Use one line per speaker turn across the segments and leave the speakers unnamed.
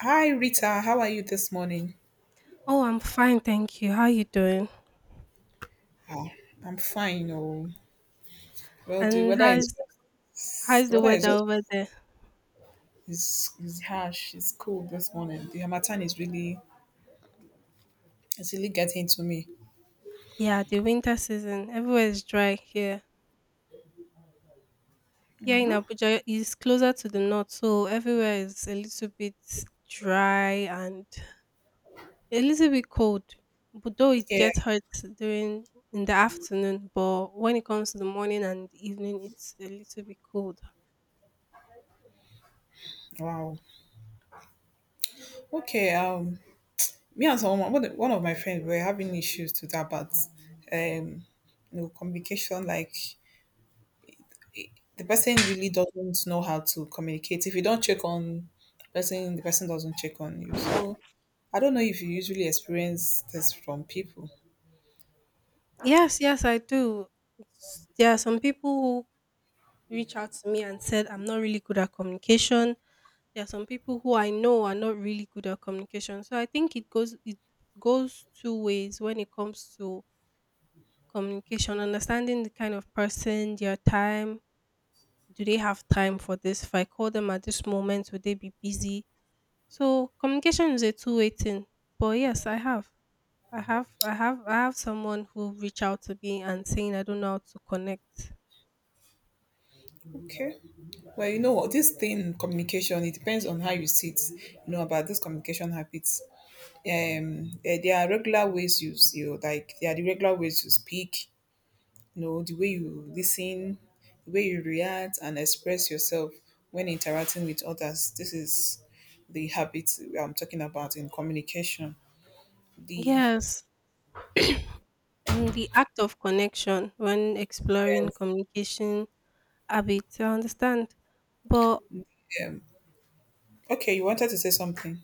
Hi Rita, how are you this morning?
Oh, I'm fine, thank you. How are you doing?
Ah, I'm fine. The
And
weather is
how's how's
the
the
weather is
weather
just
over there?
is harsh. It's cold this morning. The Hamatan is really it's really getting to me.
Yeah, the winter season. Everywhere is dry here. Here in
Mhm.
Abuja is closer to the north, so everywhere is a little bit dry and a little bit cold. But though it
Yeah.
gets hot during in the afternoon, but when it comes to the morning and evening, it's a little bit cold.
Wow. Okay. Me and someone one of my friends were having issues to that, but um, communication like the person really doesn't know how to communicate. If you don't check on the person doesn't check on you. So I don't know if you usually experience this from people.
Yes, yes, I do. There are some people who reach out to me and said I'm not really good at communication. There are some people who I know are not really good at communication. So I think it goes two ways when it comes to communication, understanding the kind of person, their time. Do they have time for this? If I call them at this moment, would they be busy? So communication is a two-way thing. But yes, I have. I have someone who reached out to me and saying I don't know how to connect.
Okay. Well, you know what? This thing, communication, it depends on how you see it, you know, about this communication habits. There are regular ways you like, there are the regular ways you speak, you know the way you listen, the way you react and express yourself when interacting with others. This is the habit I'm talking about in communication. The
Yes. The act of connection when exploring
yes
communication a bit. I understand. But
um, okay, you wanted to say something.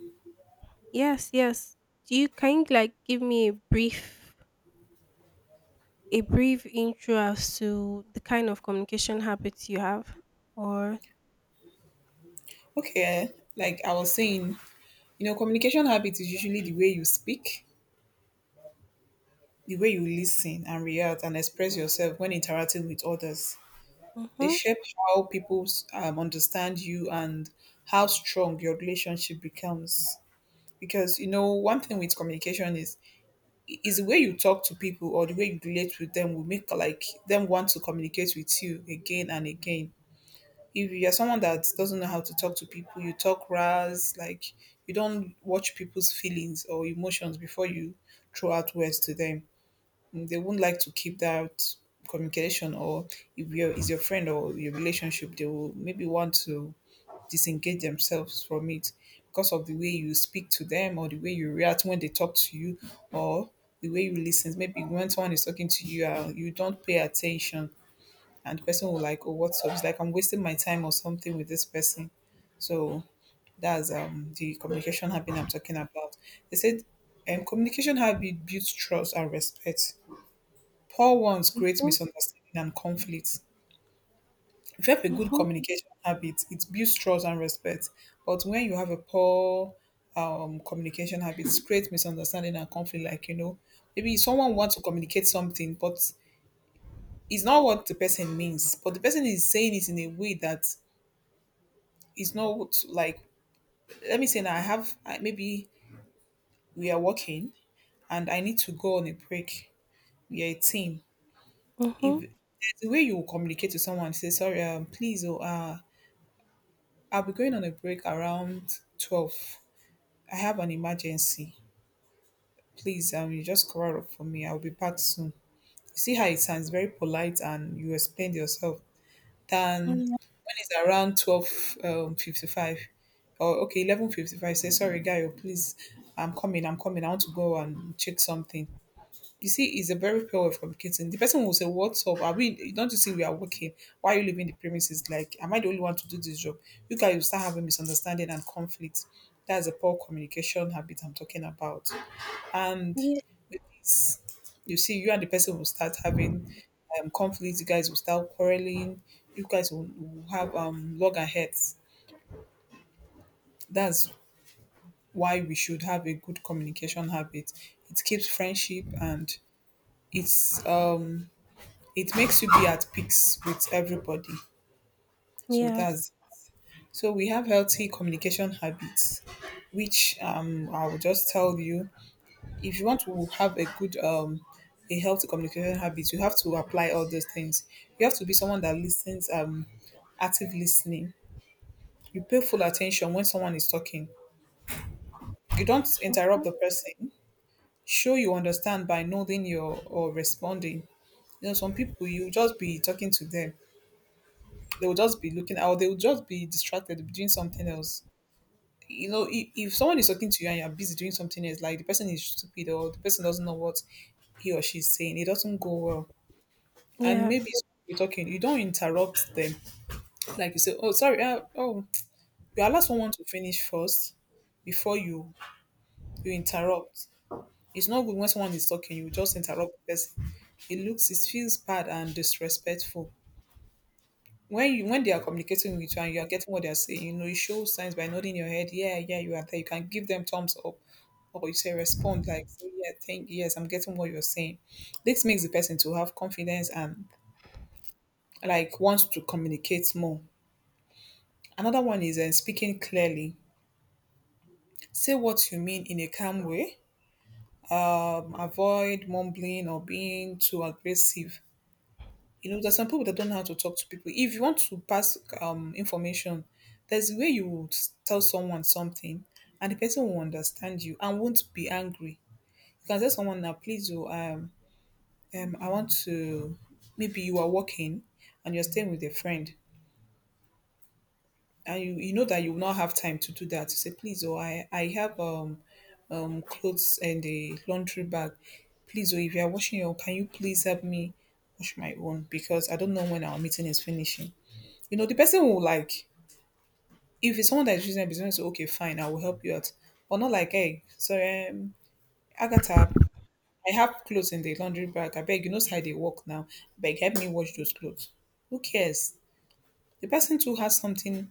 yes, yes. Do you kind like give me a brief intro as to the kind of communication habits you have? Or.
okay eh, like I was saying, you know, communication habit is usually the way you speak, the way you listen and react and express yourself when interacting with others. They
Mm-hmm,
shape how people understand you and how strong your relationship becomes, because you know one thing with communication is the way you talk to people or the way you relate with them will make like them want to communicate with you again and again. If you're someone that doesn't know how to talk to people, you talk ras, like you don't watch people's feelings or emotions before you throw out words to them, they won't like to keep that communication. Or if you're is your friend or your relationship, they will maybe want to disengage themselves from it because of the way you speak to them or the way you react when they talk to you, or the way you listen. Maybe when someone is talking to you, you don't pay attention, and the person will like, "Oh, what's up?" It's like I'm wasting my time or something with this person. So that's the communication habit I'm talking about. They said communication habit builds trust and respect. Poor ones create
mm-hmm,
misunderstanding and conflict. If you have a good
mm-hmm,
communication habit, it builds trust and respect. But when you have a poor communication habit, it creates misunderstanding and conflict. Like, you know, maybe someone wants to communicate something, but it's not what the person means. But the person is saying it in a way that is not what- like, let me say now, I have, I, maybe we are working and I need to go on a break. We are a team. If
mm-hmm.
there's a way you will communicate to someone, say, sorry, please, oh, I'll be going on a break around 12. I have an emergency. Please, you just cover up for me. I'll be back soon. You see how it sounds very polite and you explain yourself. Than
Yeah,
when it's around 12 55, or okay, 11:55. Say sorry, guy. Oh, Please, I'm coming. I'm coming. I want to go and check something. You see, it's a very poor way of communicating. The person will say, "What's up? Are we? Don't you see we are working? Why are you leaving the premises? Like, am I the only one to do this job?" You guys will start having misunderstanding and conflict. That's a poor communication habit I'm talking about. And
yeah,
with this, you see, you and the person will start having conflicts. You guys will start quarreling. You guys will have loggerheads. That's why we should have a good communication habit. It keeps friendship and it's it makes you be at peace with everybody. So
yes.
that's so we have healthy communication habits, which I will just tell you, if you want to have a good a healthy communication habit, you have to apply all those things. You have to be someone that listens, active listening. You pay full attention when someone is talking. You don't
Mm-hmm.
interrupt the person. Show you understand by nodding your or responding. You know, some people you just be talking to them. They will just be looking out. They will just be distracted doing something else. You know, if someone is talking to you and you're busy doing something else, like the person is stupid or the person doesn't know what he or she is saying, it doesn't go well. And maybe
Yes.
you're talking, you don't interrupt them. Like you say, oh sorry, oh, you allow someone to finish first before you interrupt. It's not good when someone is talking, you just interrupt the person. It looks it feels bad and disrespectful. When you when they are communicating with you and you are getting what they are saying, you know, you show signs by nodding your head, yeah, yeah, you are there. You can give them thumbs up or you say respond like say, yeah, thank yes, I'm getting what you're saying. This makes the person to have confidence and like wants to communicate more. Another one is speaking clearly. Say what you mean in a calm way. Avoid mumbling or being too aggressive. You know, there's some people that don't know how to talk to people. If you want to pass information, there's a way you would tell someone something and the person will understand you and won't be angry. You can tell someone now, please, oh, I want to, maybe you are working and you're staying with a friend and you know that you will not have time to do that. You say, please, oh, I have clothes and the laundry bag. Please, or if you are washing your own, can you please help me wash my own? Because I don't know when our meeting is finishing. You know, the person will like, if it's someone that is using it's say, okay, fine, I will help you out. But not like, hey, sorry, Agatha, I have clothes in the laundry bag. I beg, you know how they work now. I beg, help me wash those clothes. Who cares? The person too has something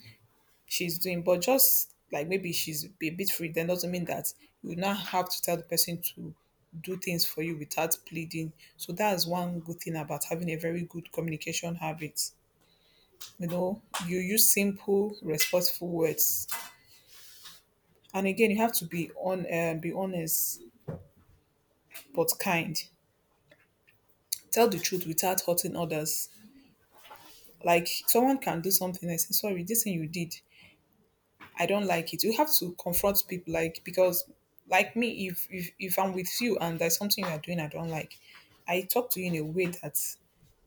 she's doing. But just like maybe she's a bit free, then doesn't mean that you now have to tell the person to do things for you without pleading. So that's one good thing about having a very good communication habit. You know, you use simple, respectful words, and again, you have to be on, be honest but kind. Tell the truth without hurting others. Like someone can do something and say, "Sorry, this thing you did I don't like it." You have to confront people, like, because like me, if I'm with you and there's something you're doing I don't like, I talk to you in a way that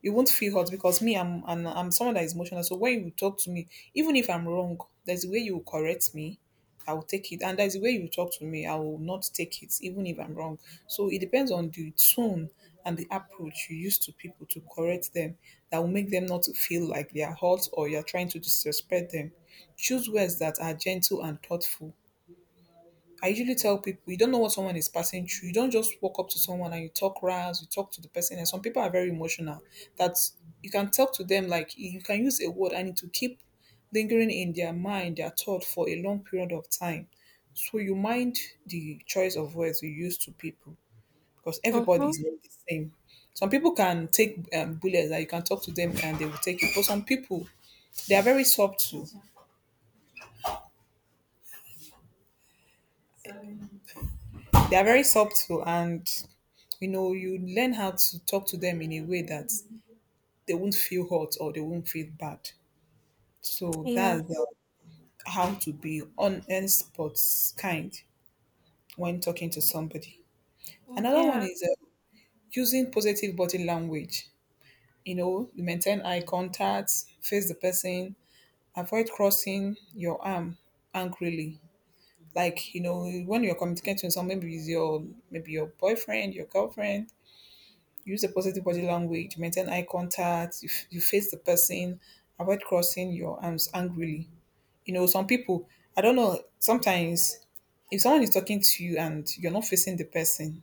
you won't feel hurt, because me I'm someone that is emotional. So when you talk to me, even if I'm wrong, there's a way you will correct me I will take it. And that's the way you talk to me. I will not take it, even if I'm wrong. So it depends on the tone and the approach you use to people to correct them, that will make them not to feel like they are hurt or you're trying to disrespect them. Choose words that are gentle and thoughtful. I usually tell people, you don't know what someone is passing through. You don't just walk up to someone and you talk ras, you talk to the person. And some people are very emotional. That you can talk to them like you can use a word and it will keep lingering in their mind, their thought for a long period of time. So you mind the choice of words you use to people, because everybody
Mm-hmm.
is not the same. Some people can take bullets that you can talk to them and they will take it. But some people, they are very subtle. They are very subtle and you know, you learn how to talk to them in a way that they won't feel hurt or they won't feel bad. So
Yes. Yeah.
that's the, how to be on and spot kind when talking to somebody.
Mm,
Another one
yeah.
is using positive body language. You know, you maintain eye contact, face the person, avoid crossing your arm angrily. Like you know, when you're communicating with someone, maybe it's your maybe your boyfriend, your girlfriend, use a positive body language, maintain eye contact, you, you face the person, avoid crossing your arms angrily. You know, some people, I don't know, sometimes if someone is talking to you and you're not facing the person,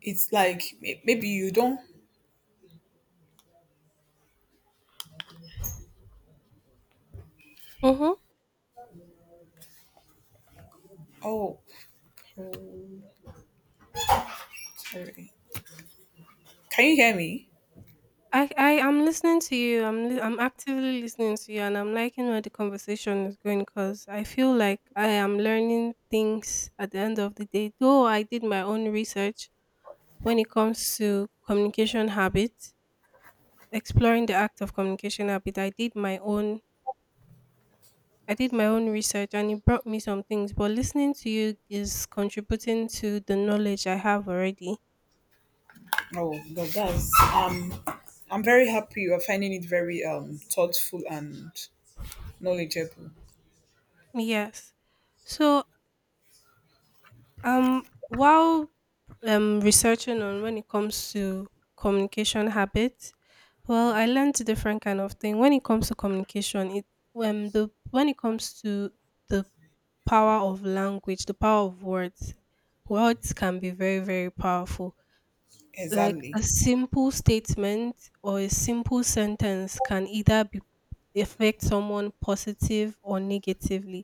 it's like maybe you don't.
Mm-hmm.
Oh, oh, sorry. Can you hear me?
I'm listening to you. I'm actively listening to you, and I'm liking where the conversation is going because I feel like I am learning things at the end of the day. Though I did my own research when it comes to communication habits, exploring the act of communication habit. I did my own research, and it brought me some things. But listening to you is contributing to the knowledge I have already.
Oh, God, that's I'm very happy you are finding it very thoughtful and knowledgeable.
Yes. So while researching on when it comes to communication habits. Well, I learned different kind of thing when it comes to communication. It when the when it comes to the power of language, the power of words, words can be very very powerful. Like a
Exactly.
simple statement or a simple sentence can either be affect someone positive or negatively.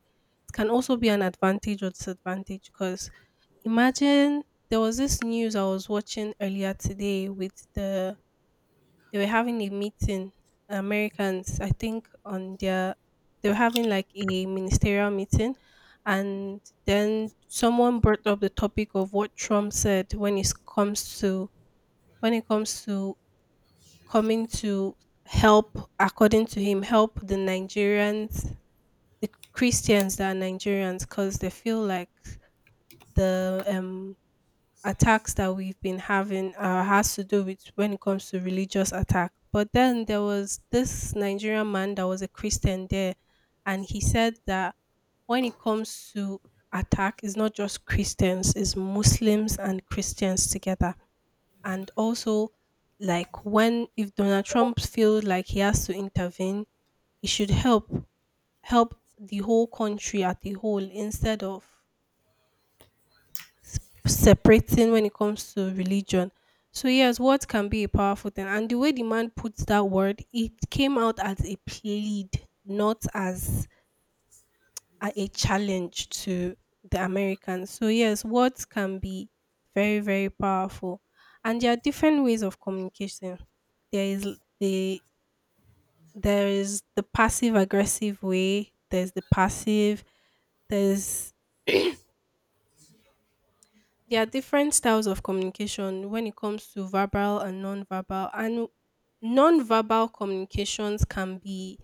It can also be an advantage or disadvantage because imagine there was this news I was watching earlier today with they were having a meeting, Americans, I think on their they were having like a ministerial meeting, and then someone brought up the topic of what Trump said when it comes to when it comes to coming to help, according to him, help the Nigerians the Christians that are Nigerians, because they feel like the attacks that we've been having has to do with when it comes to religious attack. But then there was this Nigerian man that was a Christian there, and he said that when it comes to attack, it's not just Christians, it's Muslims and Christians together. And also, like when if Donald Trump feels like he has to intervene, he should help the whole country at the whole, instead of s- separating when it comes to religion. So yes, words can be a powerful thing. And the way the man puts that word, it came out as a plead, not as a challenge to the Americans. So yes, words can be very, very powerful. And there are different ways of communication. There is l- the there is the passive aggressive way, there's the passive, there's there are different styles of communication when it comes to verbal and non-verbal. And non-verbal communications can be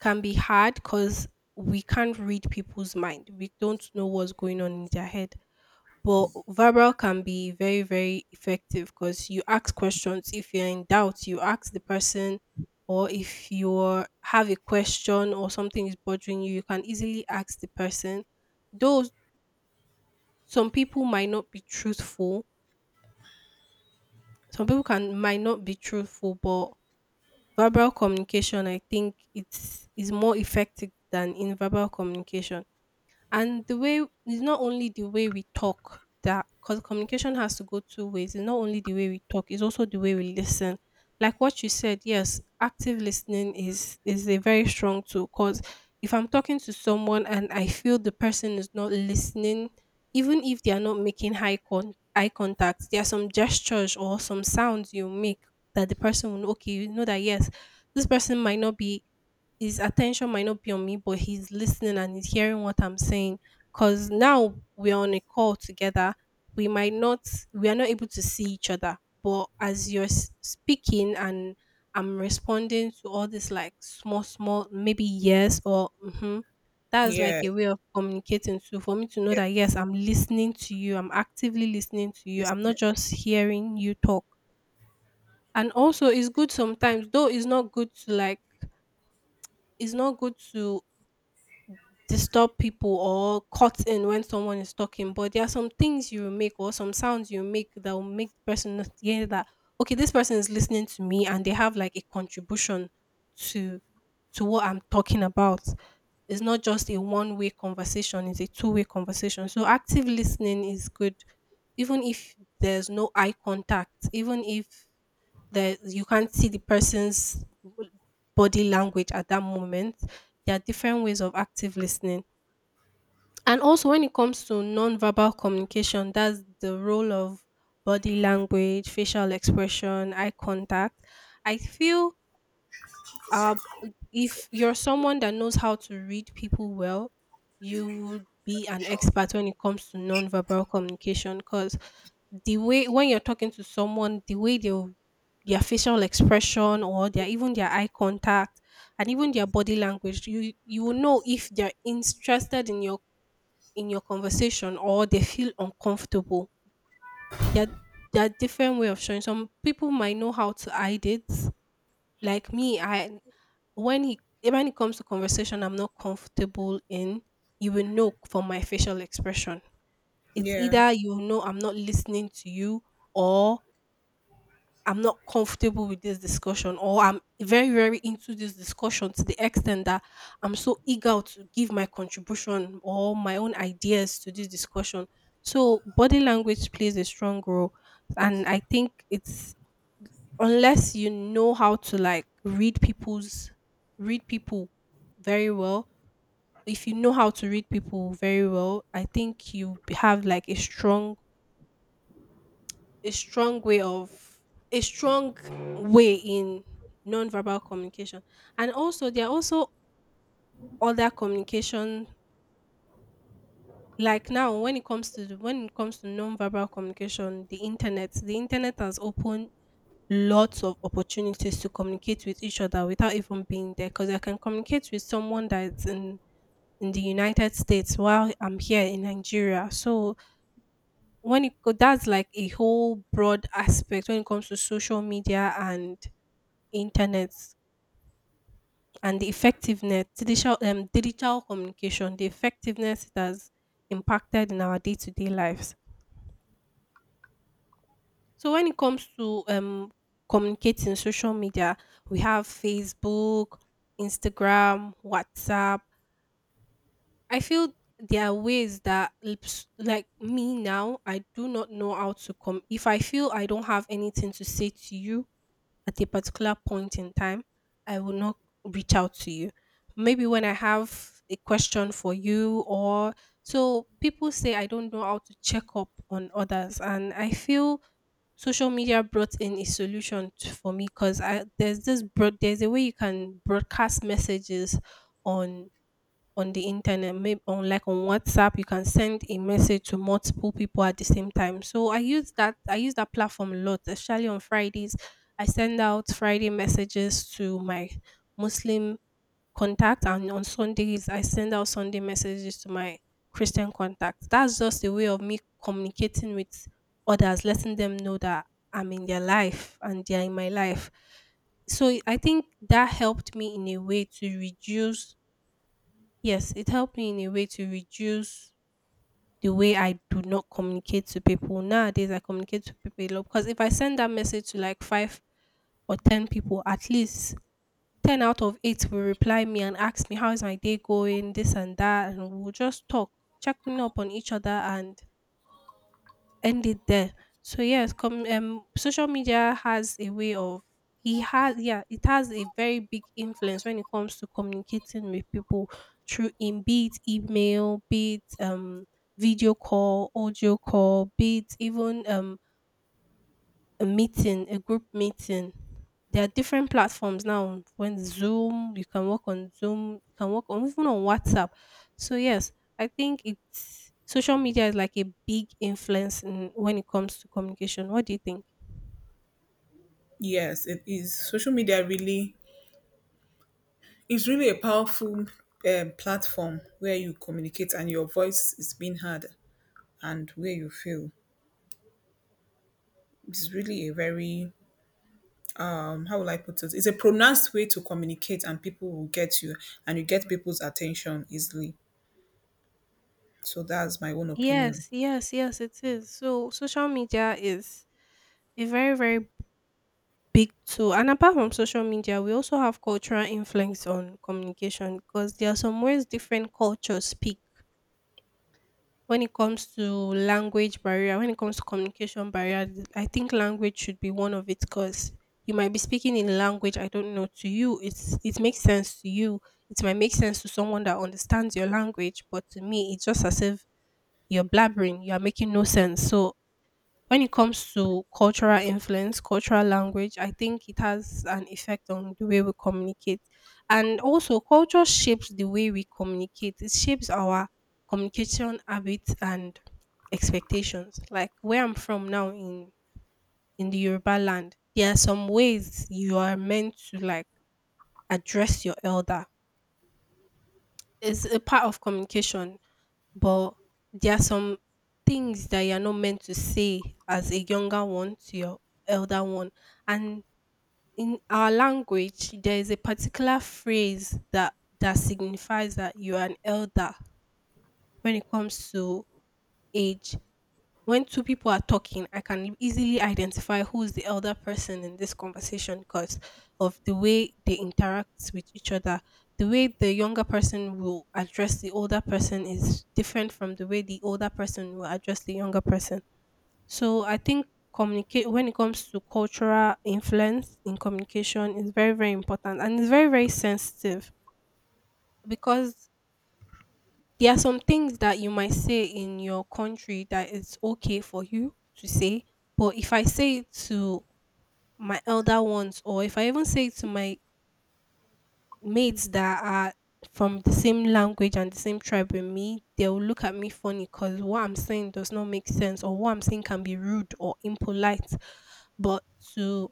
can be hard because we can't read people's mind. We don't know what's going on in their head. But verbal can be very, very effective because you ask questions. If you're in doubt, you ask the person, or if you are have a question or something is bothering you, you can easily ask the person. Though some people might not be truthful, some people can might not be truthful, but verbal communication, I think, it's is more effective than in verbal communication. And the way it's not only the way we talk that because communication has to go two ways. It's not only the way we talk, it's also the way we listen. Like what you said, yes, active listening is a very strong tool because if I'm talking to someone and I feel the person is not listening, even if they are not making eye contact, there are some gestures or some sounds you make that the person will know, okay, you know that yes, this person might not be his attention might not be on me, but he's listening and he's hearing what I'm saying. Cause now we're on a call together. We might not, we are not able to see each other. But as you're speaking, and I'm responding to all this like small, small, maybe yes or mm-hmm, that's like
Yeah.
a way of communicating. So for me to know that yes,
Yes.
I'm listening to you. I'm actively listening to you. I'm not
Listening.
just hearing you talk. And also, it's good sometimes, though it's not good to disturb people or cut in when someone is talking, but there are some things you make or some sounds you make that will make the person not hear that, okay, this person is listening to me and they have like a contribution to to what I'm talking about. It's not just a one way conversation, it's a two-way conversation. So active listening is good even if there's no eye contact, even if there you can't see the person's body language at that moment. There are different ways of active listening. And also, when it comes to non-verbal communication, that's the role of body language, facial expression, eye contact. I feel uh, if you're someone that knows how to read people well, you would be an expert when it comes to nonverbal communication, because the way when you're talking to someone, the way they their facial expression, or their even their eye contact, and even their body language, you will know if they're interested in your conversation, or they feel uncomfortable. There there are different way of showing. Some people might know how to hide it. Like me, I when he when it comes to conversation I'm not comfortable in, you will know from my facial expression. It's
Yeah.
either you know I'm not listening to you, or I'm not comfortable with this discussion, or I'm very, very into this discussion to the extent that I'm so eager to give my contribution or my own ideas to this discussion. So body language plays a strong role, and I think it's unless you know how to like read people very well, if you know how to read people very well, I think you have like a strong way of a strong way in non-verbal communication. And also there are also other communication, like now, when it comes to when it comes to non-verbal communication, the internet has opened lots of opportunities to communicate with each other without even being there, because I can communicate with someone that's in the United States while I'm here in Nigeria. So when it go, that's like a whole broad aspect when it comes to social media and internet, and the effectiveness digital communication, the effectiveness it has impacted in our day to day lives. So when it comes to communicating social media, we have Facebook, Instagram, WhatsApp. I feel there are ways that like me now, I do not know how to come. If I feel I don't have anything to say to you at a particular point in time, I will not reach out to you. Maybe when I have a question for you, or so people say I don't know how to check up on others, and I feel social media brought in a solution for me, because I there's this broad there's a way you can broadcast messages on on the internet, maybe on like on WhatsApp, you can send a message to multiple people at the same time. So I use that platform a lot, especially on Fridays. I send out Friday messages to my Muslim contact, and on Sundays I send out Sunday messages to my Christian contacts. That's just a way of me communicating with others, letting them know that I'm in their life and they're in my life. So I think that helped me in a way to reduce. Yes, it helped me in a way to reduce the way I do not communicate to people. Nowadays I communicate to people a lot because if I send that message to like five or ten people, at least 10 out of 8 will reply me and ask me how's my day going, this and that, and we'll just talk, checking up on each other and end it there. So yes, social media has a way of it has, yeah, it has a very big influence when it comes to communicating with people through, in, be it email, be it video call, audio call, be it even a meeting, a group meeting. There are different platforms now. When Zoom, you can work on Zoom, you can work on even on WhatsApp. So yes, I think it's social media is like a big influence in, when it comes to communication. What do you think?
Yes, it is. Social media really is really a powerful, platform where you communicate and your voice is being heard and where you feel. It's really a very, how will I put it? It's a pronounced way to communicate and people will get you and you get people's attention easily. So that's my own opinion.
Yes, yes, yes, it is. So social media is a very, very big tool. And apart from social media, we also have cultural influence on communication because there are some ways different cultures speak. When it comes to language barrier, when it comes to communication barrier, I think language should be one of it because you might be speaking in a language I don't know. To you, it's it makes sense to you. It might make sense to someone that understands your language, but to me, it's just as if you're blabbering. You are making no sense. So when it comes to cultural influence, cultural language, I think it has an effect on the way we communicate. And also, culture shapes the way we communicate, it shapes our communication habits and expectations. Like where I'm from now, in the Yoruba land, there are some ways you are meant to like address your elder, it's a part of communication, but there are some things that you're not meant to say as a younger one to your elder one. And in our language, there is a particular phrase that signifies that you are an elder when it comes to age. When two people are talking, I can easily identify who is the elder person in this conversation because of the way they interact with each other. The way the younger person will address the older person is different from the way the older person will address the younger person. So I think communicate when it comes to cultural influence in communication is very very important and it's very very sensitive because there are some things that you might say in your country that it's okay for you to say, but if I say it to my elder ones, or if I even say it to my mates that are from the same language and the same tribe with me, they'll look at me funny because what I'm saying does not make sense, or what I'm saying can be rude or impolite. But to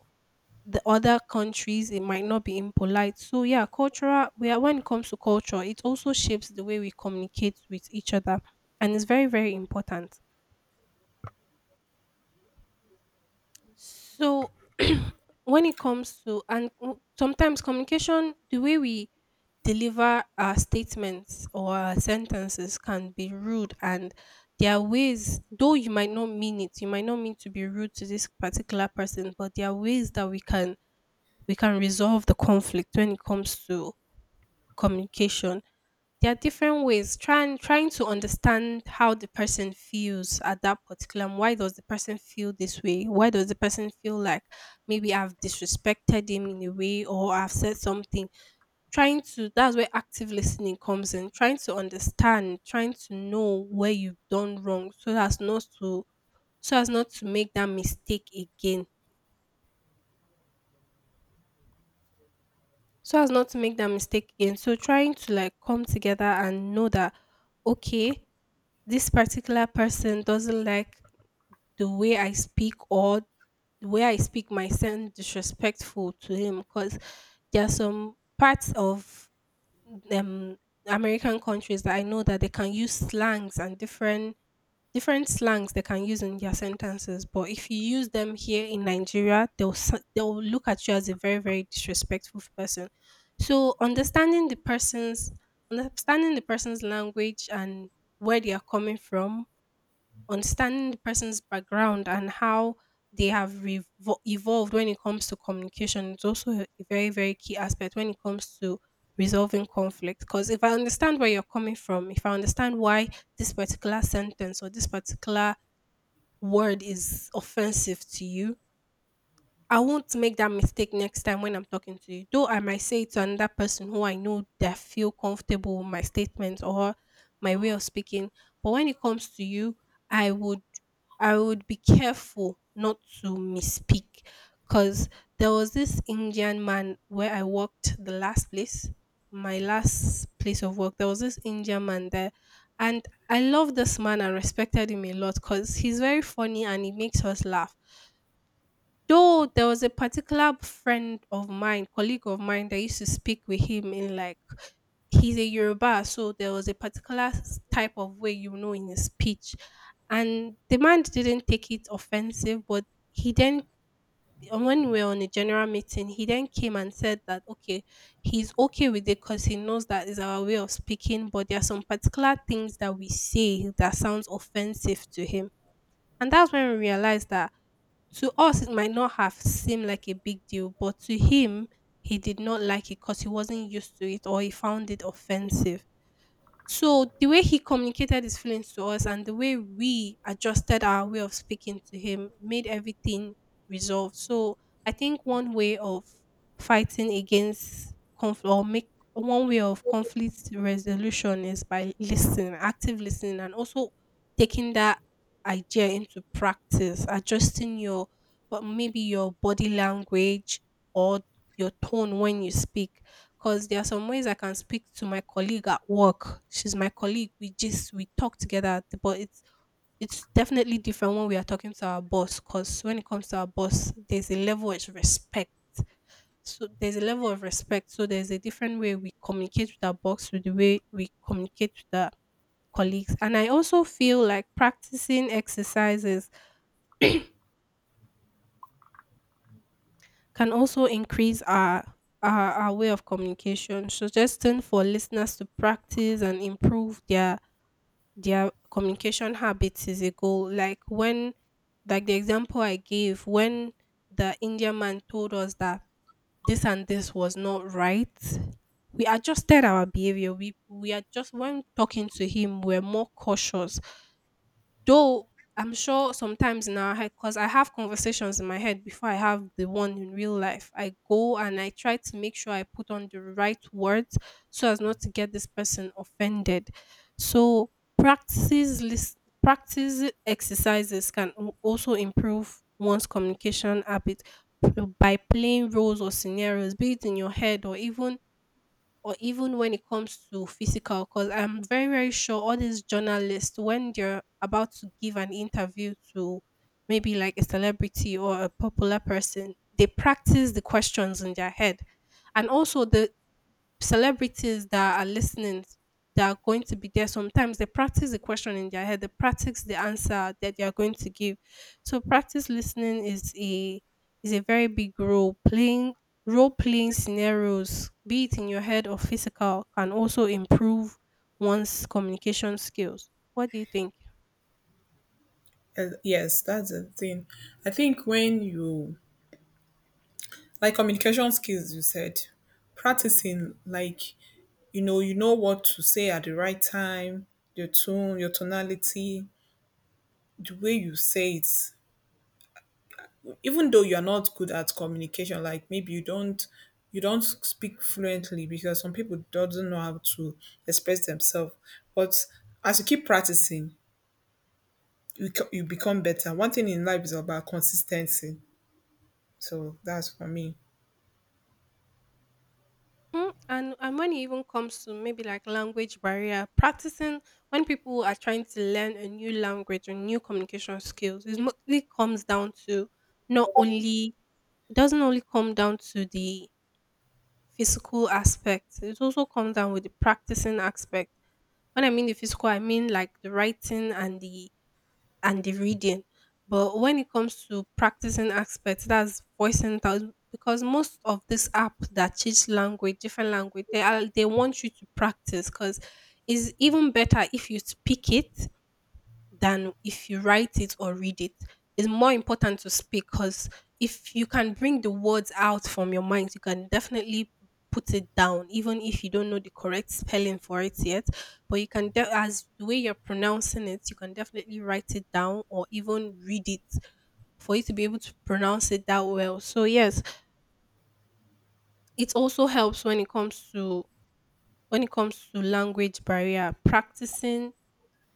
the other countries it might not be impolite. So yeah, cultural, we are, when it comes to culture it also shapes the way we communicate with each other and it's very very important. So when it comes to, and sometimes communication, the way we deliver our statements or our sentences can be rude, and there are ways, though you might not mean it, you might not mean to be rude to this particular person, but there are ways that we can resolve the conflict when it comes to communication. There are different ways. Trying to understand how the person feels at that particular moment. Why does the person feel this way? Why does the person feel like maybe I've disrespected him in a way or I've said something? Trying to, that's where active listening comes in. Trying to understand, trying to know where you've done wrong, so as not to so as not to make that mistake again. So as not to make that mistake again. So trying to like come together and know that okay, this particular person doesn't like the way I speak, or the way I speak might sound disrespectful to him because there are some parts of um American countries that I know that they can use slangs and different slangs they can use in their sentences. But if you use them here in Nigeria, they'll look at you as a very very disrespectful person. So understanding the person's language and where they are coming from, understanding the person's background and how they have evolved when it comes to communication is also a very very key aspect when it comes to resolving conflict. Because if I understand where you're coming from, if I understand why this particular sentence or this particular word is offensive to you, I won't make that mistake next time when I'm talking to you. Though I might say it to another person who I know that feel comfortable with my statements or my way of speaking. But when it comes to you, I would I would be careful not to misspeak. Cause there was this Indian man where I worked the last place, my last place of work. There was this Indian man there, and I love this man and respected him a lot because he's very funny and he makes us laugh. Though there was a particular friend of mine, colleague of mine, that used to speak with him in like, he's a Yoruba, so there was a particular type of way, you know, in his speech. And the man didn't take it offensive, but he then when we were on a general meeting, he then came and said that okay, he's okay with it because he knows that is our way of speaking, but there are some particular things that we say that sounds offensive to him. And that's when we realized that to us, it might not have seemed like a big deal, but to him, he did not like it because he wasn't used to it or he found it offensive. So the way he communicated his feelings to us and the way we adjusted our way of speaking to him made everything resolved. So I think one way of fighting against conflict, or make one way of conflict resolution is by listening, active listening, and also taking that idea into practice, adjusting your, but maybe your body language or your tone when you speak, because there are some ways I can speak to my colleague at work. She's my colleague. We talk together. But it's definitely different when we are talking to our boss. Because when it comes to our boss, there's a level of respect. So there's a level of respect. So there's a different way we communicate with our boss with the way we communicate with our colleagues. And I also feel like practicing exercises can also increase our way of communication, suggesting for listeners to practice and improve their communication habits is a goal. Like when, like the example I gave, when the Indian man told us that this and this was not right, we adjusted our behavior. We are just when talking to him, we're more cautious. Though I'm sure sometimes in our head, because I have conversations in my head before I have the one in real life. I go and I try to make sure I put on the right words so as not to get this person offended. So practice lis- practice exercises can also improve one's communication habit, p- by playing roles or scenarios, be it in your head or even when it comes to physical, because I'm very very sure all these journalists, when they're about to give an interview to maybe like a celebrity or a popular person, they practice the questions in their head. And also the celebrities that are listening, that are going to be there, sometimes they practice the question in their head, they practice the answer that they are going to give. So practice listening is a very big role, playing role playing scenarios, be it in your head or physical, can also improve one's communication skills. What do you think?
Yes, that's the thing. I think when you like communication skills, you said practicing, like, you know, you know what to say at the right time, your tone, your tonality, the way you say it, even though you're not good at communication, like maybe you don't, you don't speak fluently because some people doesn't know how to express themselves. But as you keep practicing, you, you become better. One thing in life is about consistency. So that's for me.
Mhm. And when it even comes to maybe like language barrier, practicing, when people are trying to learn a new language or new communication skills, it mostly comes down to not only it doesn't only come down to the physical aspect, it also comes down with the practicing aspect. When I mean the physical, I mean like the writing and the reading. But when it comes to practicing aspects, that's voicing it out, because most of this app that teach language, different language, they want you to practice because it's even better if you speak it than if you write it or read it. It's more important to speak because if you can bring the words out from your mind, you can definitely put it down, even if you don't know the correct spelling for it yet. But you can, as the way you're pronouncing it, you can definitely write it down or even read it for you to be able to pronounce it that well. So yes, it also helps when it comes to language barrier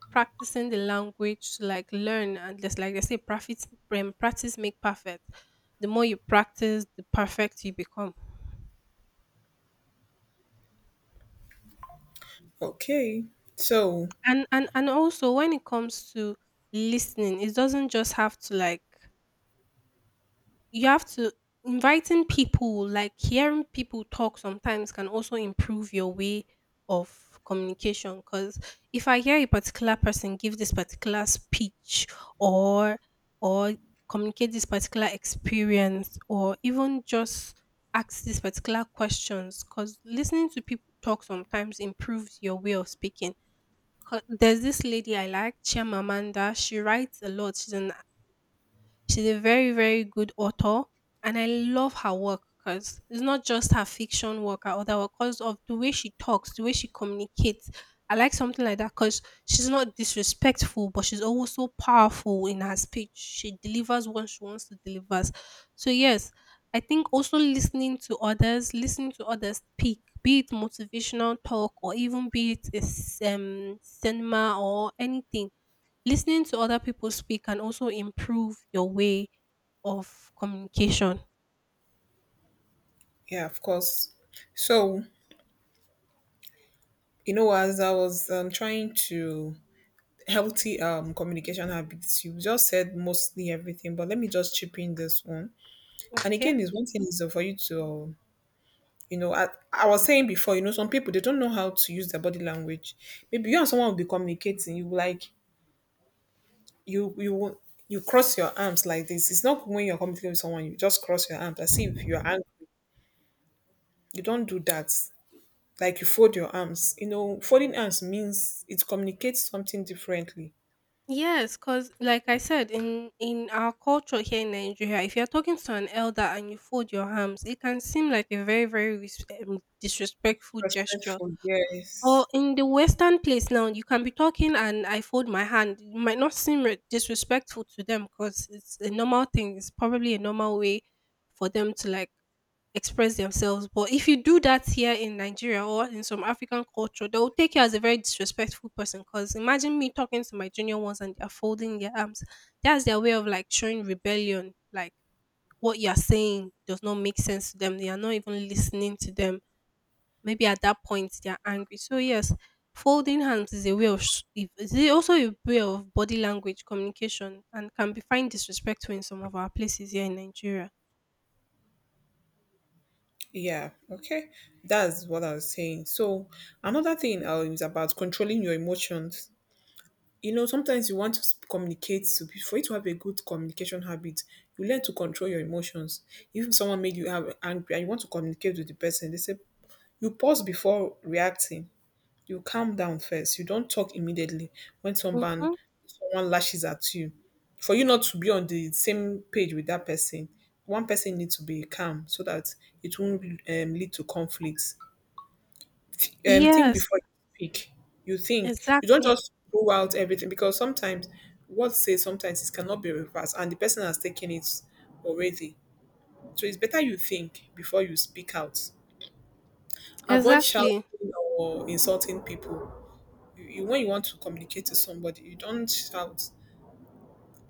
practicing the language to like learn and just like they say practice make perfect. The more you practice, the perfect you become.
Okay, so
And also when it comes to listening, it doesn't just have to like you have to inviting people, like hearing people talk sometimes can also improve your way of communication. Because if I hear a particular person give this particular speech or or communicate this particular experience or even just ask these particular questions, because listening to people talk sometimes improves your way of speaking. 'Cause there's this lady I like, Chimamanda. She writes a lot. She's a very, very good author, and I love her work because it's not just her fiction work, her other work, because of the way she talks, the way she communicates. I like something like that because she's not disrespectful, but she's always so powerful in her speech. She delivers what she wants to deliver. So yes, I think also listening to others speak, be it motivational talk or even be it is cinema or anything. Listening to other people speak can also improve your way of communication.
yeah, of course. So you know, as I was trying to healthy communication habits, you just said mostly everything, but let me just chip in this one. And
Okay.
again, is one thing is for you to, you know, I was saying before, you know, some people they don't know how to use their body language. Maybe you and someone will be communicating, you like you won't- you cross your arms like this. It's not when you're communicating with someone, you just cross your arms as if you are angry. You don't do that. Like you fold your arms. You know, folding arms means it communicates something differently.
Yes, because like I said, in our culture here in Nigeria, if you're talking to an elder and you fold your arms, it can seem like a very, very disrespectful gesture.
Respectful,
Or
yes.
in the Western place now, you can be talking and I fold my hand. It might not seem disrespectful to them because it's a normal thing. It's probably a normal way for them to like express themselves. But if you do that here in Nigeria or in some African culture, they'll take you as a very disrespectful person. Because imagine me talking to my junior ones and they're folding their arms. That's their way of like showing rebellion. Like what you're saying does not make sense to them. They are not even listening to them. Maybe at that point they are angry. So yes, folding hands is a way of is it also a way of body language communication and can be find disrespectful in some of our places here in Nigeria.
Yeah, okay, that's what I was saying. So another thing, is about controlling your emotions. You know, sometimes you want to communicate to for you to have a good communication habit, you learn to control your emotions. If someone made you have angry and you want to communicate with the person, they say you pause before reacting. You calm down first. You don't talk immediately when
Hmm.
someone lashes at you. For you not to be on the same page with that person, one person needs to be calm so that it won't, lead to conflicts. Think
Yes,
before you speak. You think, you don't
exactly.
just throw out everything, because sometimes what says sometimes it cannot be reversed, and the person has taken it already. So it's better you think before you speak out. Avoid shouting
Exactly.
or insulting people. When you want to communicate to somebody, you don't shout,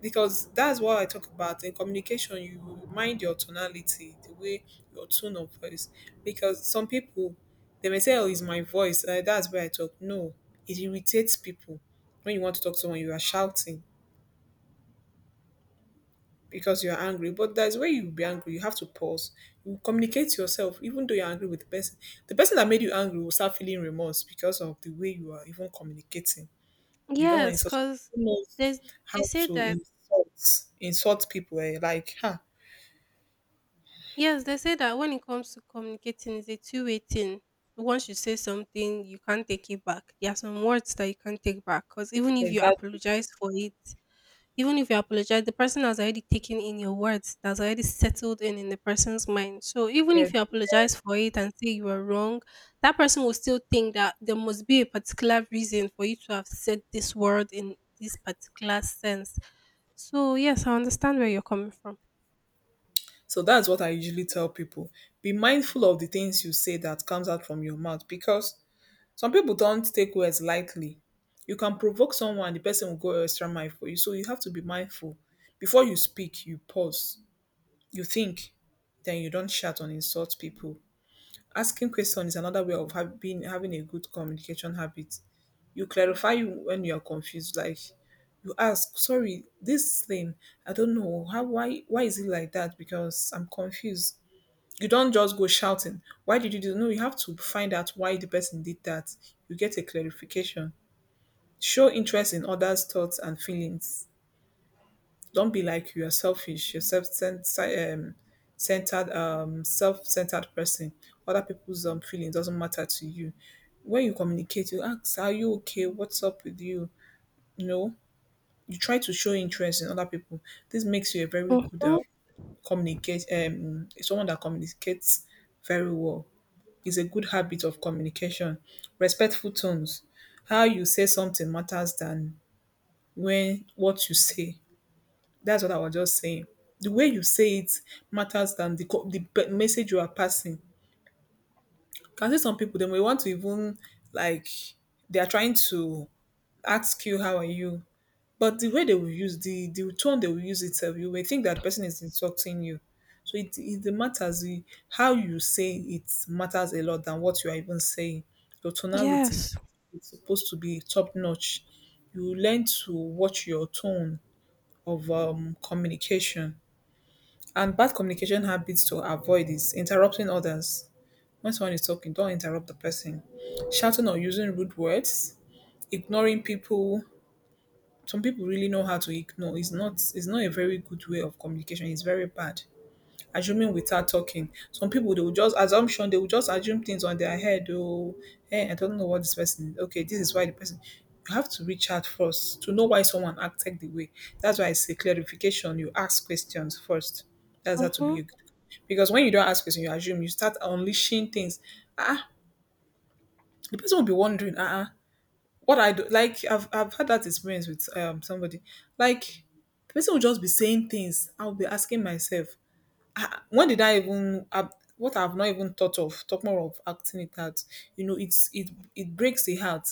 because that's what I talk about in communication. You mind your tonality, the way, your tone of voice, because some people they may say, "Oh, it's my voice. That's where I talk." No, it irritates people. When you want to talk to someone, you are shouting because you are angry, but that's where you will be angry. You have to pause. You communicate to yourself, even though you're angry with the person. The person that made you angry will start feeling remorse because of the way you are even communicating. You don't
Yes,
insult.
because
Who knows
there's they
how
say
to
that,
insult people? Eh? Like, huh?
yes, they say that when it comes to communicating, it's a two-way thing. Once you say something, you can't take it back. There are some words that you can't take back, because even if you
Exactly.
apologize for it, even if you apologize, the person has already taken in your words, that's already settled in the person's mind. So even
Yes.
if you apologize for it and say you were wrong, that person will still think that there must be a particular reason for you to have said this word in this particular sense. So yes, I understand where you're coming from.
So that's what I usually tell people. Be mindful of the things you say that comes out from your mouth, because some people don't take words lightly. You can provoke someone, the person will go extra mile for you. So you have to be mindful. Before you speak, you pause, you think, then you don't shout and insult people. Asking questions is another way of having a good communication habit. You clarify when you're confused. Like you ask, sorry, this thing, I don't know how, why is it like that, because I'm confused. You don't just go shouting, why did you do? No, you have to find out why the person did that. You get a clarification. Show interest in others thoughts and feelings. Don't be like you're selfish, you're self-centered, centered self-centered person. Other people's feelings doesn't matter to you. When you communicate, you ask, are you okay, what's up with you? No. You try to show interest in other people. This makes you a very good,
Mm-hmm.
communicate someone that communicates very well. It's a good habit of communication. Respectful tones. How you say something matters than when what you say. That's what I was just saying. The way you say it matters than the the message you are passing. Can see some people they may want to even like they are trying to ask you, how are you? But the way they will use the tone they will use itself, you may think that the person is insulting you. So it matters the, how you say it matters a lot than what you are even saying. Your tonality
Yes.
is supposed to be top notch. You learn to watch your tone of, communication. And bad communication habits to avoid is interrupting others. When someone is talking, don't interrupt the person. Shouting or using rude words, ignoring people, some people really know how to ignore. It's not a very good way of communication. It's very bad. Assuming without talking. Some people they will just assumption, they will just assume things on their head. Oh, hey, I don't know what this person is. Okay, this is why the person, you have to reach out first to know why someone acted the way. That's why I say clarification, you ask questions first. That's how to
Mm-hmm.
be a good, because when you don't ask questions, you assume, you start unleashing things. Ah, uh-uh. The person will be wondering, ah, uh-uh, what I do, like I've had that experience with somebody. Like the person will just be saying things. I'll be asking myself, "Ah, when did I even, what I've not even thought of, talk more of acting it out. You know, it's it breaks the heart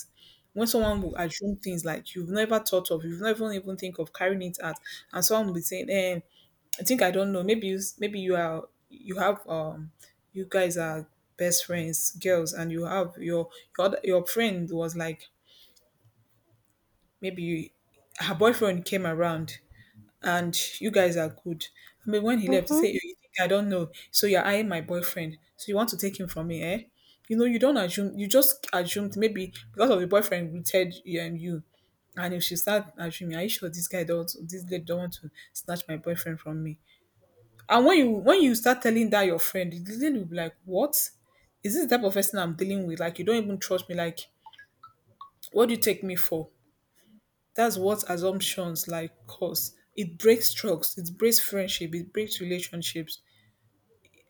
when someone will assume things like you've never thought of, you've never even think of carrying it out, and someone will be saying, eh, I think I don't know. Maybe you maybe you are, you have, you guys are best friends, girls, and you have your, your friend was like, maybe you, her boyfriend came around, and you guys are good. I mean, when he left, he
Mm-hmm.
said, "You think I don't know. So you're eyeing my boyfriend. So you want to take him from me, eh? You know, you don't assume, you just assumed maybe because of the boyfriend rooted you and you. And if she start assuming, are you sure this guy don't, this lady don't want to snatch my boyfriend from me? And when you start telling that your friend, the lady will be like, what? Is this the type of person I'm dealing with? Like you don't even trust me. Like what do you take me for? That's what assumptions like cause. It breaks trust, it breaks friendship, it breaks relationships.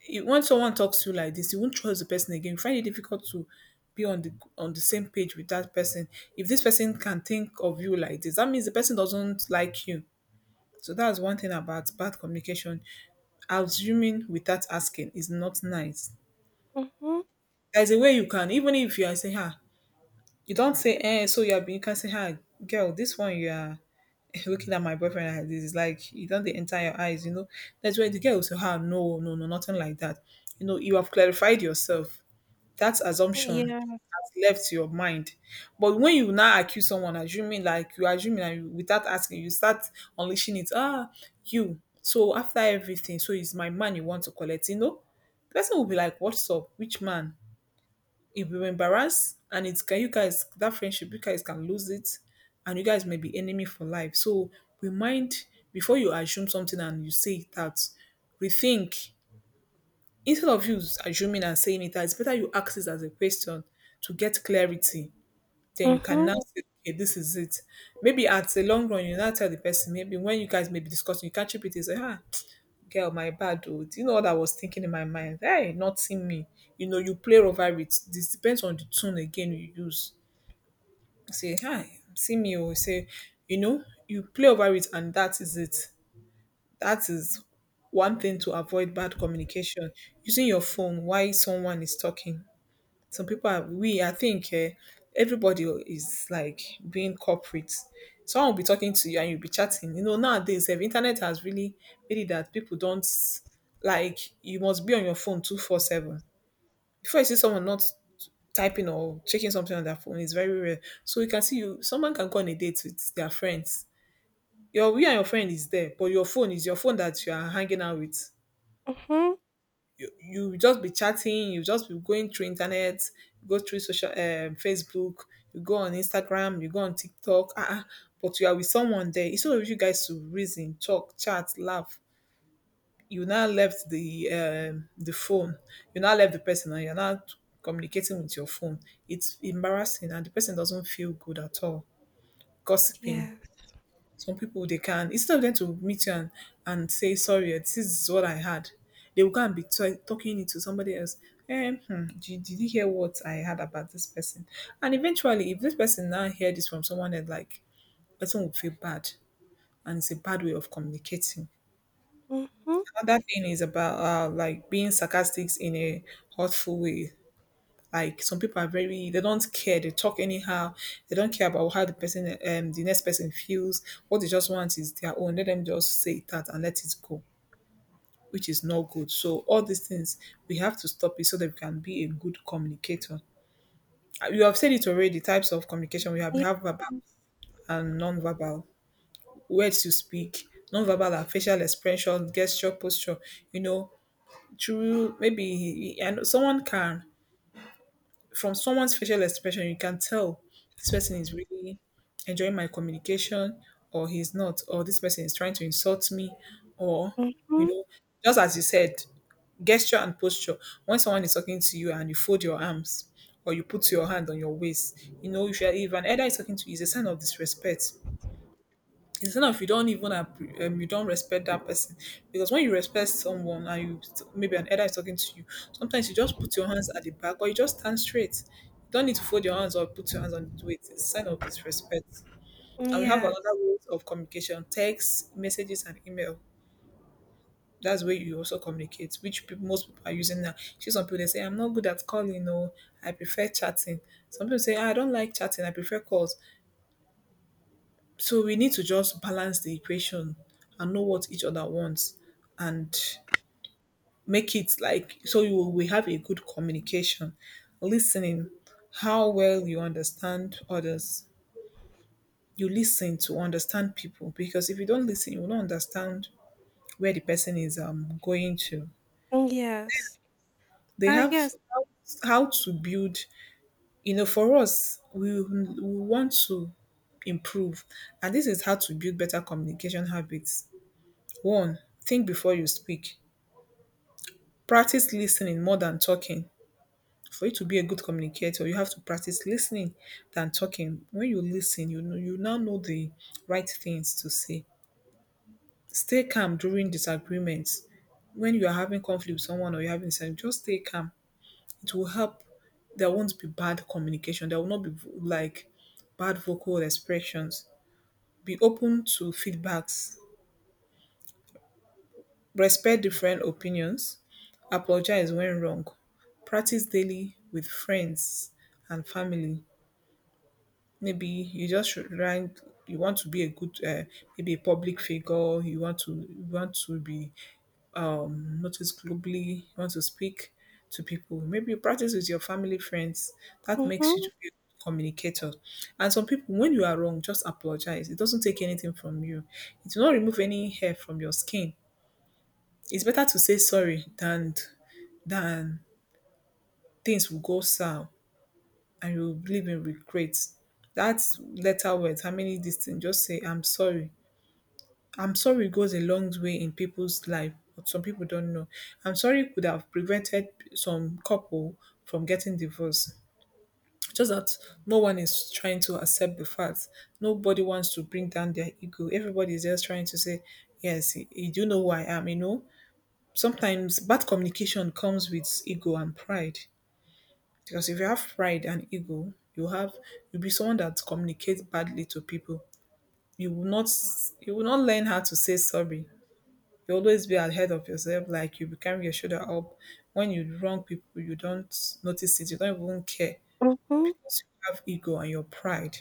It, when someone talks to you like this, you won't trust the person again. You find it difficult to be on the, on the same page with that person. If this person can think of you like this, that means the person doesn't like you. So that's one thing about bad communication. Assuming without asking is not nice.
Mm-hmm.
There's a way you can, even if you are saying, ha, you don't say eh," so you are being, you can say, ha, girl, this one you are looking at my boyfriend like this, it's like you don't they enter your eyes, you know. That's where the girl will say, ah, no, no, no, nothing like that. You know, you have clarified yourself. That assumption
Yeah.
has left your mind. But when you now accuse someone, assuming like you assuming and you, without asking, you start unleashing it. Ah, you. So after everything, so it's my man you want to collect, you know? The person will be like, what's up? Which man? If you embarrass and it's can you guys that friendship you guys can lose it and you guys may be enemy for life. So remind, before you assume something and you say it out, rethink. Instead of you assuming and saying it out, it's better you ask it as a question to get clarity. Then you can
Mm-hmm.
now say, okay, this is it. Maybe at the long run, you now tell the person, maybe when you guys may be discussing, you catch up with it, say, ah, girl, my bad oh. Do you know what I was thinking in my mind? Hey, nothing me. You know, you play over it. This depends on the tune again you use. Say, hi, see me oh. You say, you know, you play over it and that is it. That is one thing to avoid bad communication. Using your phone while someone is talking. Some people are we I think Everybody is like being corporate. Someone will be talking to you and you'll be chatting. You know, nowadays, if internet has really made it that people don't, like, you must be on your phone 24/7 before you see someone not typing or checking something on their phone. It's very rare. So you can see, you, someone can go on a date with their friends, your, you and your friend is there, but your phone is your phone that you are hanging out with.
Mm-hmm.
You just be chatting, you just be going through internet, go through social, Facebook, you go on Instagram, you go on TikTok, ah, ah, but you are with someone there. Instead of you guys to reason, talk, chat, laugh, you now left the phone, you now left the person, and you're not communicating with your phone. It's embarrassing, and the person doesn't feel good at all. Gossiping,
Yes.
some people they can, instead of them to meet you and say sorry, eh, this is what I had, they will go and be talking it to somebody else. Did you hear what I had about this person? And eventually, if this person now hear this from someone else, like, person will feel bad, and it's a bad way of communicating.
Mm-hmm.
Another thing is about like being sarcastic in a hurtful way. Like, some people are very, they don't care. They talk anyhow. They don't care about how the person, the next person feels. What they just want is their own. Let them just say that and let it go, which is not good. So all these things we have to stop it so that we can be a good communicator. You have said it already. Types of communication we have. We have verbal
Yes.
and non-verbal. Words you speak, non-verbal and facial expression, gesture, posture. You know, through maybe and someone can, from someone's facial expression, you can tell this person is really enjoying my communication, or he's not, or this person is trying to insult me, or, you
Mm-hmm.
know, just as you said, gesture and posture. When someone is talking to you and you fold your arms or you put your hand on your waist, you know, if, you're, if an elder is talking to you, it's a sign of disrespect. Instead of, you don't even you don't respect that person. Because when you respect someone and you, maybe an elder is talking to you, sometimes you just put your hands at the back, or you just stand straight. You don't need to fold your hands or put your hands on the weight. It's a sign of disrespect. And we have another
Yes.
way of communication, text messages and email. That's where you also communicate, which people, most people are using now. See, some people they say, I'm not good at calling, no, I prefer chatting. Some people say, "Ah, I don't like chatting, I prefer calls." So we need to just balance the equation and know what each other wants and make it like, so you, we have a good communication. Listening, how well you understand others. You listen to understand people, because if you don't listen, you will not understand where the person is going to.
Mm, yes.
They
Ah,
have
yes.
how to build, you know, for us, we want to improve. And this is how to build better communication habits. One, think before you speak. Practice listening more than talking. For you to be a good communicator, you have to practice listening than talking. When you listen, you know, you now know the right things to say. Stay calm during disagreements. When you are having conflict with someone or you're having disagreement, just stay calm. It will help. There won't be bad communication. There will not be like bad vocal expressions. Be open to feedbacks. Respect different opinions. Apologize when wrong. Practice daily with friends and family. Maybe you just should learn, you want to be a good maybe a public figure, you want to, you want to be noticed globally, you want to speak to people, maybe you practice with your family friends. That makes you
Mhm,
to be a good communicator. And some people, when you are wrong, just apologize, it doesn't take anything from you. It will not remove any hair from your skin. It's better to say sorry than than things will go sour and you will live in regret. That letter words, how many this thing, just say I'm sorry. I'm sorry goes a long way in people's life, but some people don't know. I'm sorry could have prevented some couple from getting divorced. Just that no one is trying to accept the fact. Nobody wants to bring down their ego. Everybody is just trying to say, yes, you do know who I am, you know. Sometimes bad communication comes with ego and pride. Because if you have pride and ego, you have, you'll be someone that communicates badly to people. You will not, you will not learn how to say sorry. You always be ahead of yourself, like you become your shoulder up. When you wrong people, you don't notice it, you don't even care.
mhm,
So you have ego and your pride.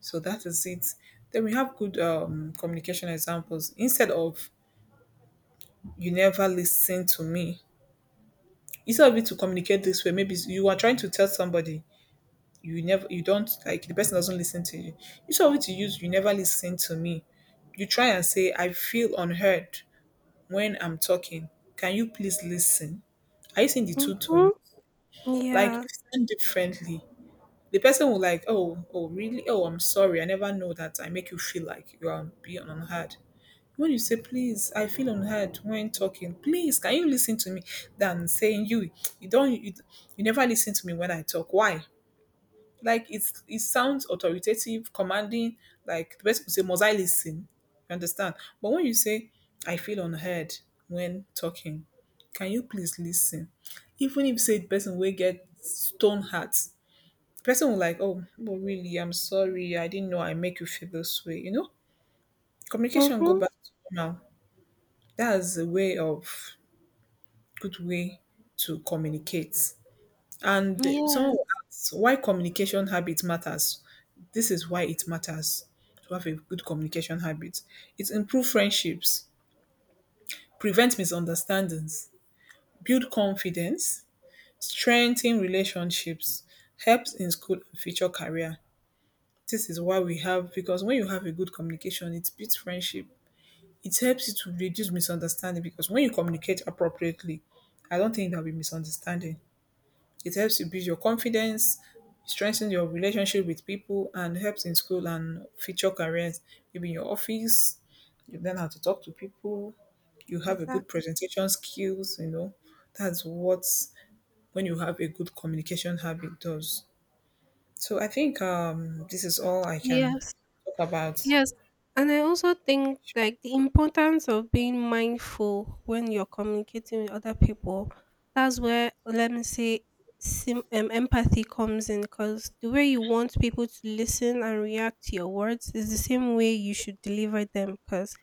So that is it. Then we have good communication examples. Instead of, you never listen to me, instead of you to communicate this way, maybe you are trying to tell somebody, you never, you don't, like the person doesn't listen to you. Instead of it to use "you never listen to me," you try and say, "I feel unheard when I'm talking. Can you please listen?" Are you seeing the two
mhm,
tone? Like if
yeah,
you sound differently, the person will like, "Oh, oh, really? Oh, I'm sorry. I never know that. I make you feel like you are being unheard." When you say, please, I feel unheard when talking. Please, can you listen to me? Than saying, you don't, you never listen to me when I talk. Why? Like, it's, it sounds authoritative, commanding. Like the person would say, must I listen? You understand? But when you say, I feel unheard when talking, can you please listen? Even if say, the person will get stone heart, the person will like, oh, but really, I'm sorry, I didn't know I make you feel this way. You know, communication go
mhm,
back to normal. That's a way of, good way to communicate. And someone
yes,
will ask why communication habit matters. This is why it matters to have a good communication habit. It improves friendships, prevents misunderstandings, build confidence, strengthen relationships, helps in school and future career. This is why we have, because when you have a good communication, it builds friendship, it helps you to reduce misunderstanding, because when you communicate appropriately, I don't think there'll be misunderstanding. It helps you build your confidence, strengthen your relationship with people, and helps in school and future careers. Maybe in your office, you learn how to talk to people, you have a good
exactly.
presentation skills, you know. That's what, when you have a good communication habit does. So I think this is all I can
Yes,
talk about.
yes. And I also think like the importance of being mindful when you're communicating with other people. That's where, let me say, empathy comes in, because the way you want people to listen and react to your words is the same way you should deliver them. Because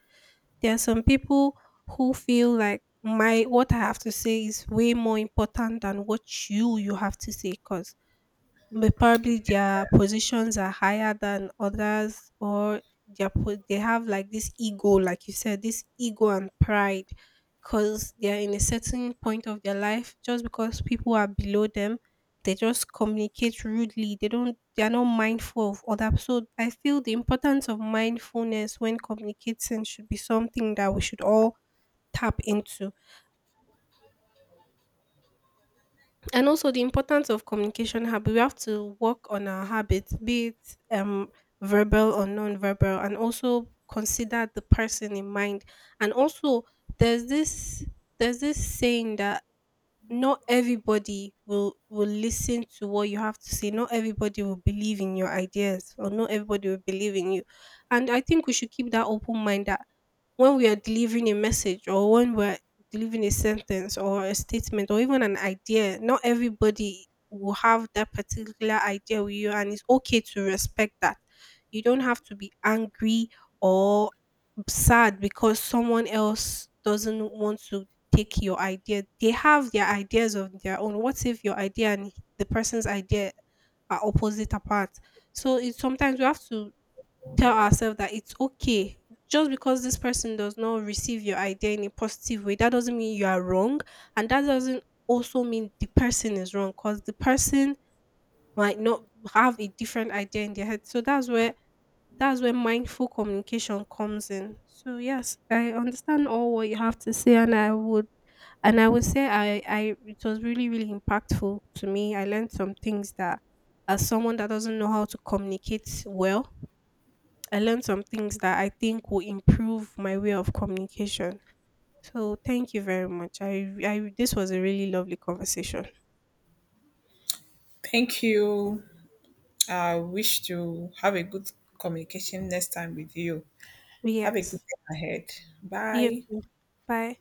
there are some people who feel like my what I have to say is way more important than what you have to say, because probably their positions are higher than others, or they have like this ego, like you said, this ego and pride. Because they are in a certain point of their life, just because people are below them, they just communicate rudely. They don't, they are not mindful of others. So I feel the importance of mindfulness when communicating should be something that we should all tap into. And also the importance of communication habit. We have to work on our habits, be it verbal or non-verbal, and also consider the person in mind. And also there's this saying that not everybody will listen to what you have to say. Not everybody will believe in your ideas, or not everybody will believe in you. And I think we should keep that open mind that when we are delivering a message, or when we're delivering a sentence or a statement or even an idea, not everybody will have that particular idea with you, and it's okay to respect that. You don't have to be angry or sad because someone else doesn't want to take your idea. They have their ideas of their own. What if your idea and the person's idea are opposite apart? So it's sometimes you have to tell ourselves that it's okay. Just because this person does not receive your idea in a positive way, that doesn't mean you are wrong. And that doesn't also mean the person is wrong, because the person might not have a different idea in their head. So that's where mindful communication comes in. So yes, I understand all what you have to say, and I would say, I it was really, really impactful to me. I learned some things that, as someone that doesn't know how to communicate well, I learned some things that I think will improve my way of communication. So thank you very much. I this was a really lovely conversation.
Thank you. I wish to have a good communication next time with you. Have a good
Yes.
day ahead.
You
Bye.
too. Bye.